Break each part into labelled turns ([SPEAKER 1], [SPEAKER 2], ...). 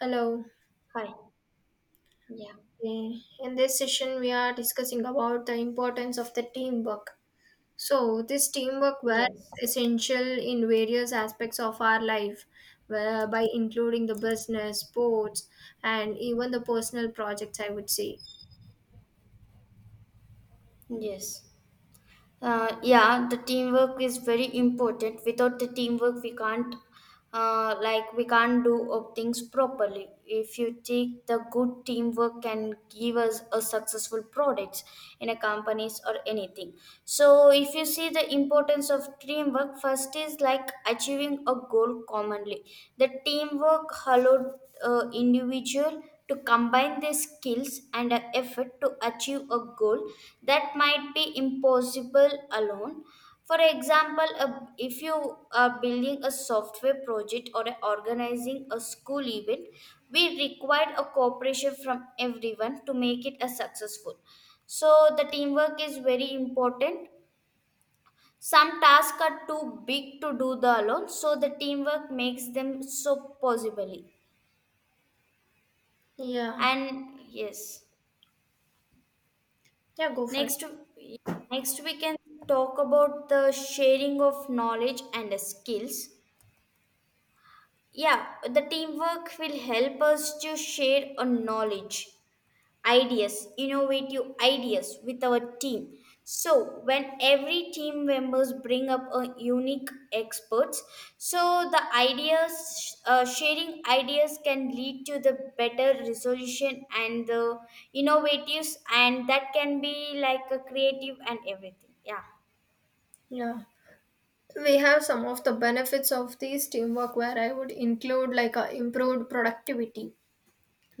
[SPEAKER 1] Hello.
[SPEAKER 2] Hi. Yeah.
[SPEAKER 1] Okay. In this session, we are discussing about the importance of the teamwork. So, this teamwork was
[SPEAKER 2] Yes.
[SPEAKER 1] essential in various aspects of our life, by including the business, sports, and even the personal projects, I would say.
[SPEAKER 2] Yes. Yeah, the teamwork is very important. Without the teamwork, we can't, we can't do things properly. If you take the good teamwork can give us a successful products in a companies or anything. So, if you see the importance of teamwork, first is like achieving a goal commonly. The teamwork allowed individual to combine their skills and a effort to achieve a goal that might be impossible alone, for example if you are building a software project or organizing a school event, we require a cooperation from everyone to make it a successful. So the teamwork is very important. Some tasks are too big to do the alone, so the teamwork makes them so possibly.
[SPEAKER 1] Yeah.
[SPEAKER 2] And yes.
[SPEAKER 1] Yeah, go for
[SPEAKER 2] Next,
[SPEAKER 1] it.
[SPEAKER 2] next we can talk about the sharing of knowledge and the skills. Yeah, the teamwork will help us to share a knowledge, ideas, innovative ideas with our team. So when every team members bring up a unique experts, so the ideas sharing ideas can lead to the better resolution and the innovatives, and that can be like a creative and everything. Yeah.
[SPEAKER 1] Yeah, we have some of the benefits of these teamwork, where I would include like a improved productivity,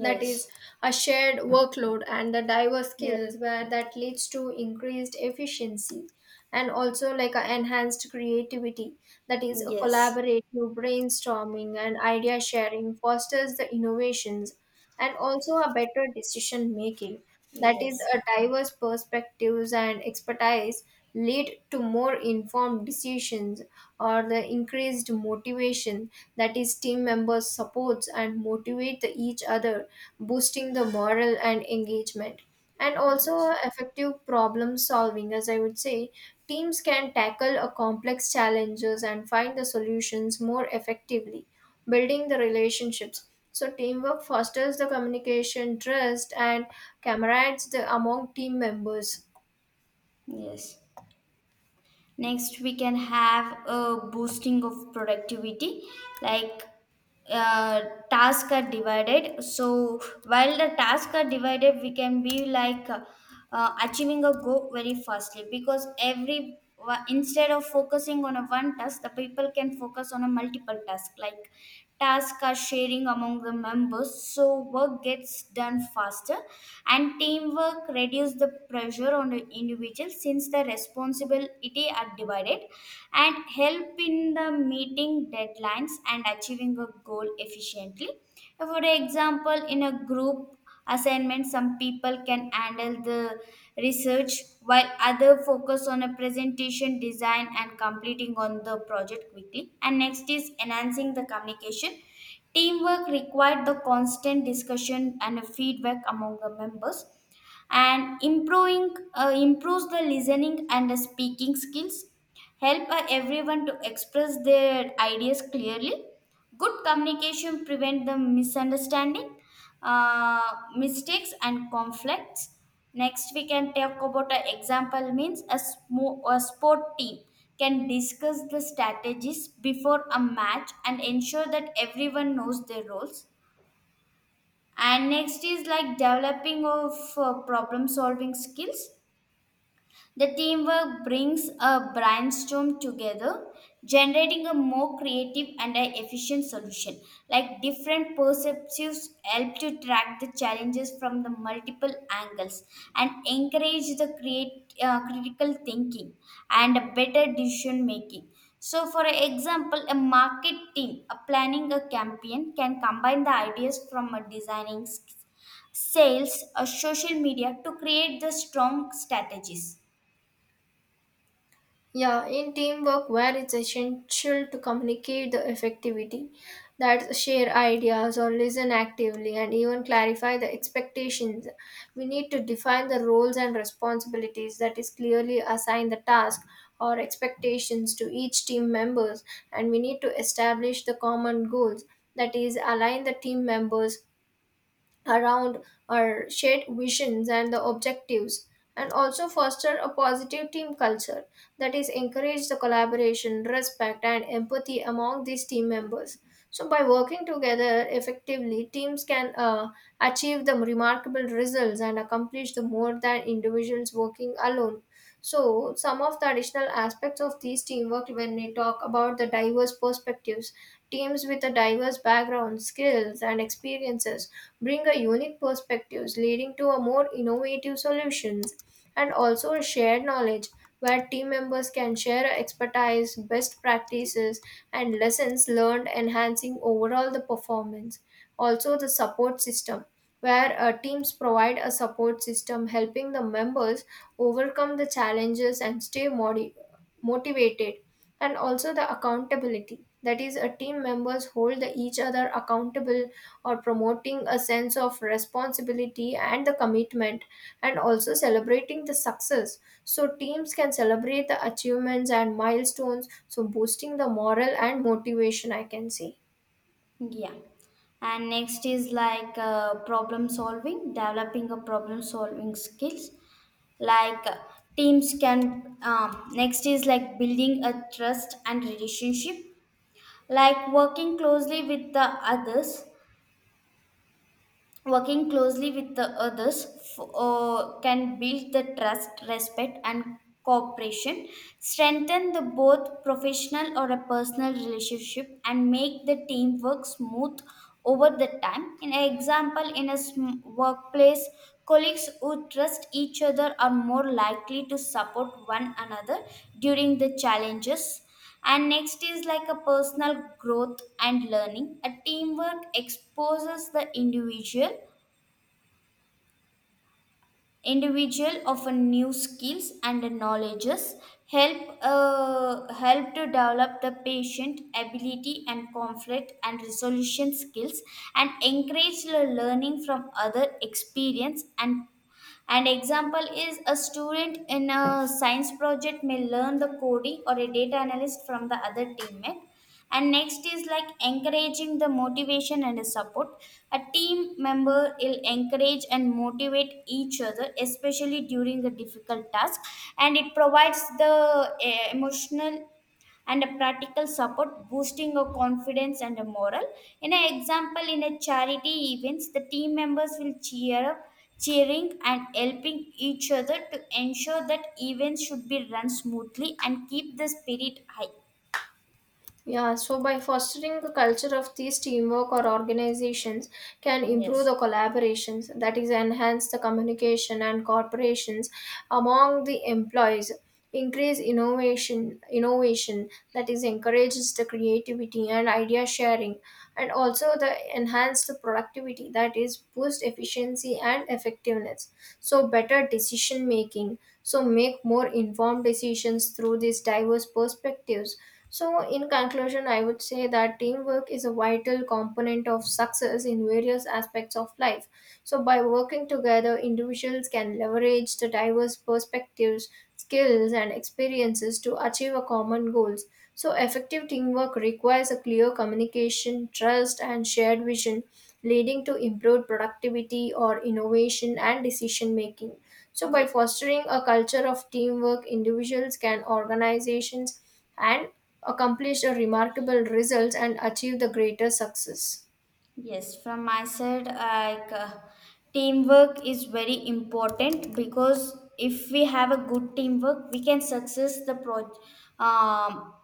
[SPEAKER 1] that is a shared workload and the diverse
[SPEAKER 2] Yeah.
[SPEAKER 1] skills where that leads to increased efficiency, and also like a enhanced creativity, that is a
[SPEAKER 2] Yes.
[SPEAKER 1] collaborative brainstorming and idea sharing fosters the innovations, and also a better decision making. That is,
[SPEAKER 2] Yes.
[SPEAKER 1] a diverse perspectives and expertise lead to more informed decisions, or the increased motivation, that is team members supports and motivate each other, boosting the morale and engagement, and also
[SPEAKER 2] Yes.
[SPEAKER 1] effective problem solving. As I would say, teams can tackle a complex challenges and find the solutions more effectively, building the relationships. So teamwork fosters the communication, trust, and camaraderies the, among team members.
[SPEAKER 2] Yes. Next, we can have a boosting of productivity, like uh, tasks are divided. So while the tasks are divided, we can be like achieving a goal very fastly, because every instead of focusing on a one task, the people can focus on a multiple task. Like tasks are sharing among the members, so work gets done faster, and teamwork reduces the pressure on the individual since the responsibility are divided and help in the meeting deadlines and achieving a goal efficiently. For example, in a group assignment, some people can handle the research while other focus on a presentation design and completing on the project quickly. And next is enhancing the communication. Teamwork required the constant discussion and a feedback among the members, and improving improves the listening and the speaking skills, help everyone to express their ideas clearly. Good communication prevent the misunderstanding, mistakes and conflicts. Next we can talk about an example means a sport team can discuss the strategies before a match and ensure that everyone knows their roles. And next is like developing of problem solving skills. The teamwork brings a brainstorm together, generating a more creative and an efficient solution. Like different perspectives help to track the challenges from the multiple angles and encourage the critical thinking and a better decision making. So, for example, a market team a planning a campaign can combine the ideas from a designing, sales, or social media to create the strong strategies.
[SPEAKER 1] Yeah, in teamwork where it's essential to communicate the effectivity, that share ideas or listen actively and even clarify the expectations, we need to define the roles and responsibilities, that is clearly assign the task or expectations to each team members. And we need to establish the common goals, that is align the team members around our shared visions and the objectives, and also foster a positive team culture, that is encourage the collaboration, respect, and empathy among these team members. So by working together effectively, teams can achieve the remarkable results and accomplish the more than individuals working alone. So some of the additional aspects of these teamwork, when we talk about the diverse perspectives, teams with a diverse background, skills, and experiences bring a unique perspectives, leading to a more innovative solutions. And also a shared knowledge, where team members can share expertise, best practices, and lessons learned, enhancing overall the performance. Also the support system, where teams provide a support system, helping the members overcome the challenges and stay motivated, and also the accountability. That is, a team members hold the each other accountable, or promoting a sense of responsibility and the commitment, and also celebrating the success. So teams can celebrate the achievements and milestones, so boosting the morale and motivation, I can say.
[SPEAKER 2] Yeah. And next is like problem solving, developing a problem solving skills. Like teams can, next is like building a trust and relationship, like working closely with the others. Working closely with the others can build the trust, respect, and cooperation, strengthen the both professional or a personal relationship, and make the teamwork smooth over the time. In example, in a workplace, colleagues who trust each other are more likely to support one another during the challenges. And next is like a personal growth and learning. A teamwork exposes the individual of a new skills and knowledges, help help to develop the patient ability and conflict and resolution skills and encourage the learning from other experience. And an example is a student in a science project may learn the coding or a data analyst from the other teammate. And next is like encouraging the motivation and the support. A team member will encourage and motivate each other, especially during a difficult task, and it provides the emotional and a practical support, boosting a confidence and a moral. In an example, in a charity events, the team members will cheer up, cheering and helping each other to ensure that events should be run smoothly and keep the spirit high.
[SPEAKER 1] Yeah, so by fostering the culture of these teamwork, or organizations can improve the
[SPEAKER 2] Yes.
[SPEAKER 1] collaborations, that is, enhance the communication and corporations among the employees, increase innovation, innovation that is encourages the creativity and idea sharing, and also the enhance the productivity, that is boost efficiency and effectiveness. So better decision making, so make more informed decisions through these diverse perspectives. So in conclusion, I would say that teamwork is a vital component of success in various aspects of life. So by working together, individuals can leverage the diverse perspectives, skills, and experiences to achieve a common goals. So effective teamwork requires a clear communication, trust, and shared vision, leading to improved productivity or innovation and decision making. So by
[SPEAKER 2] Yes.
[SPEAKER 1] fostering a culture of teamwork, individuals can organizations and accomplish a remarkable results and achieve the greater success.
[SPEAKER 2] Yes, from my side, like teamwork is very important because if we have a good teamwork, we can success the project. Um,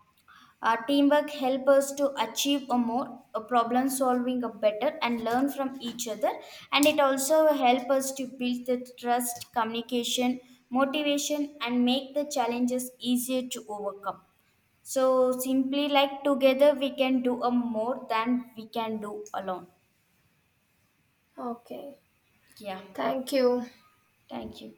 [SPEAKER 2] teamwork help us to achieve a more a problem solving a better and learn from each other, and it also help us to build the trust, communication, motivation, and make the challenges easier to overcome. So simply like together, we can do a more than we can do alone.
[SPEAKER 1] Okay,
[SPEAKER 2] Yeah.
[SPEAKER 1] thank you.
[SPEAKER 2] Thank you.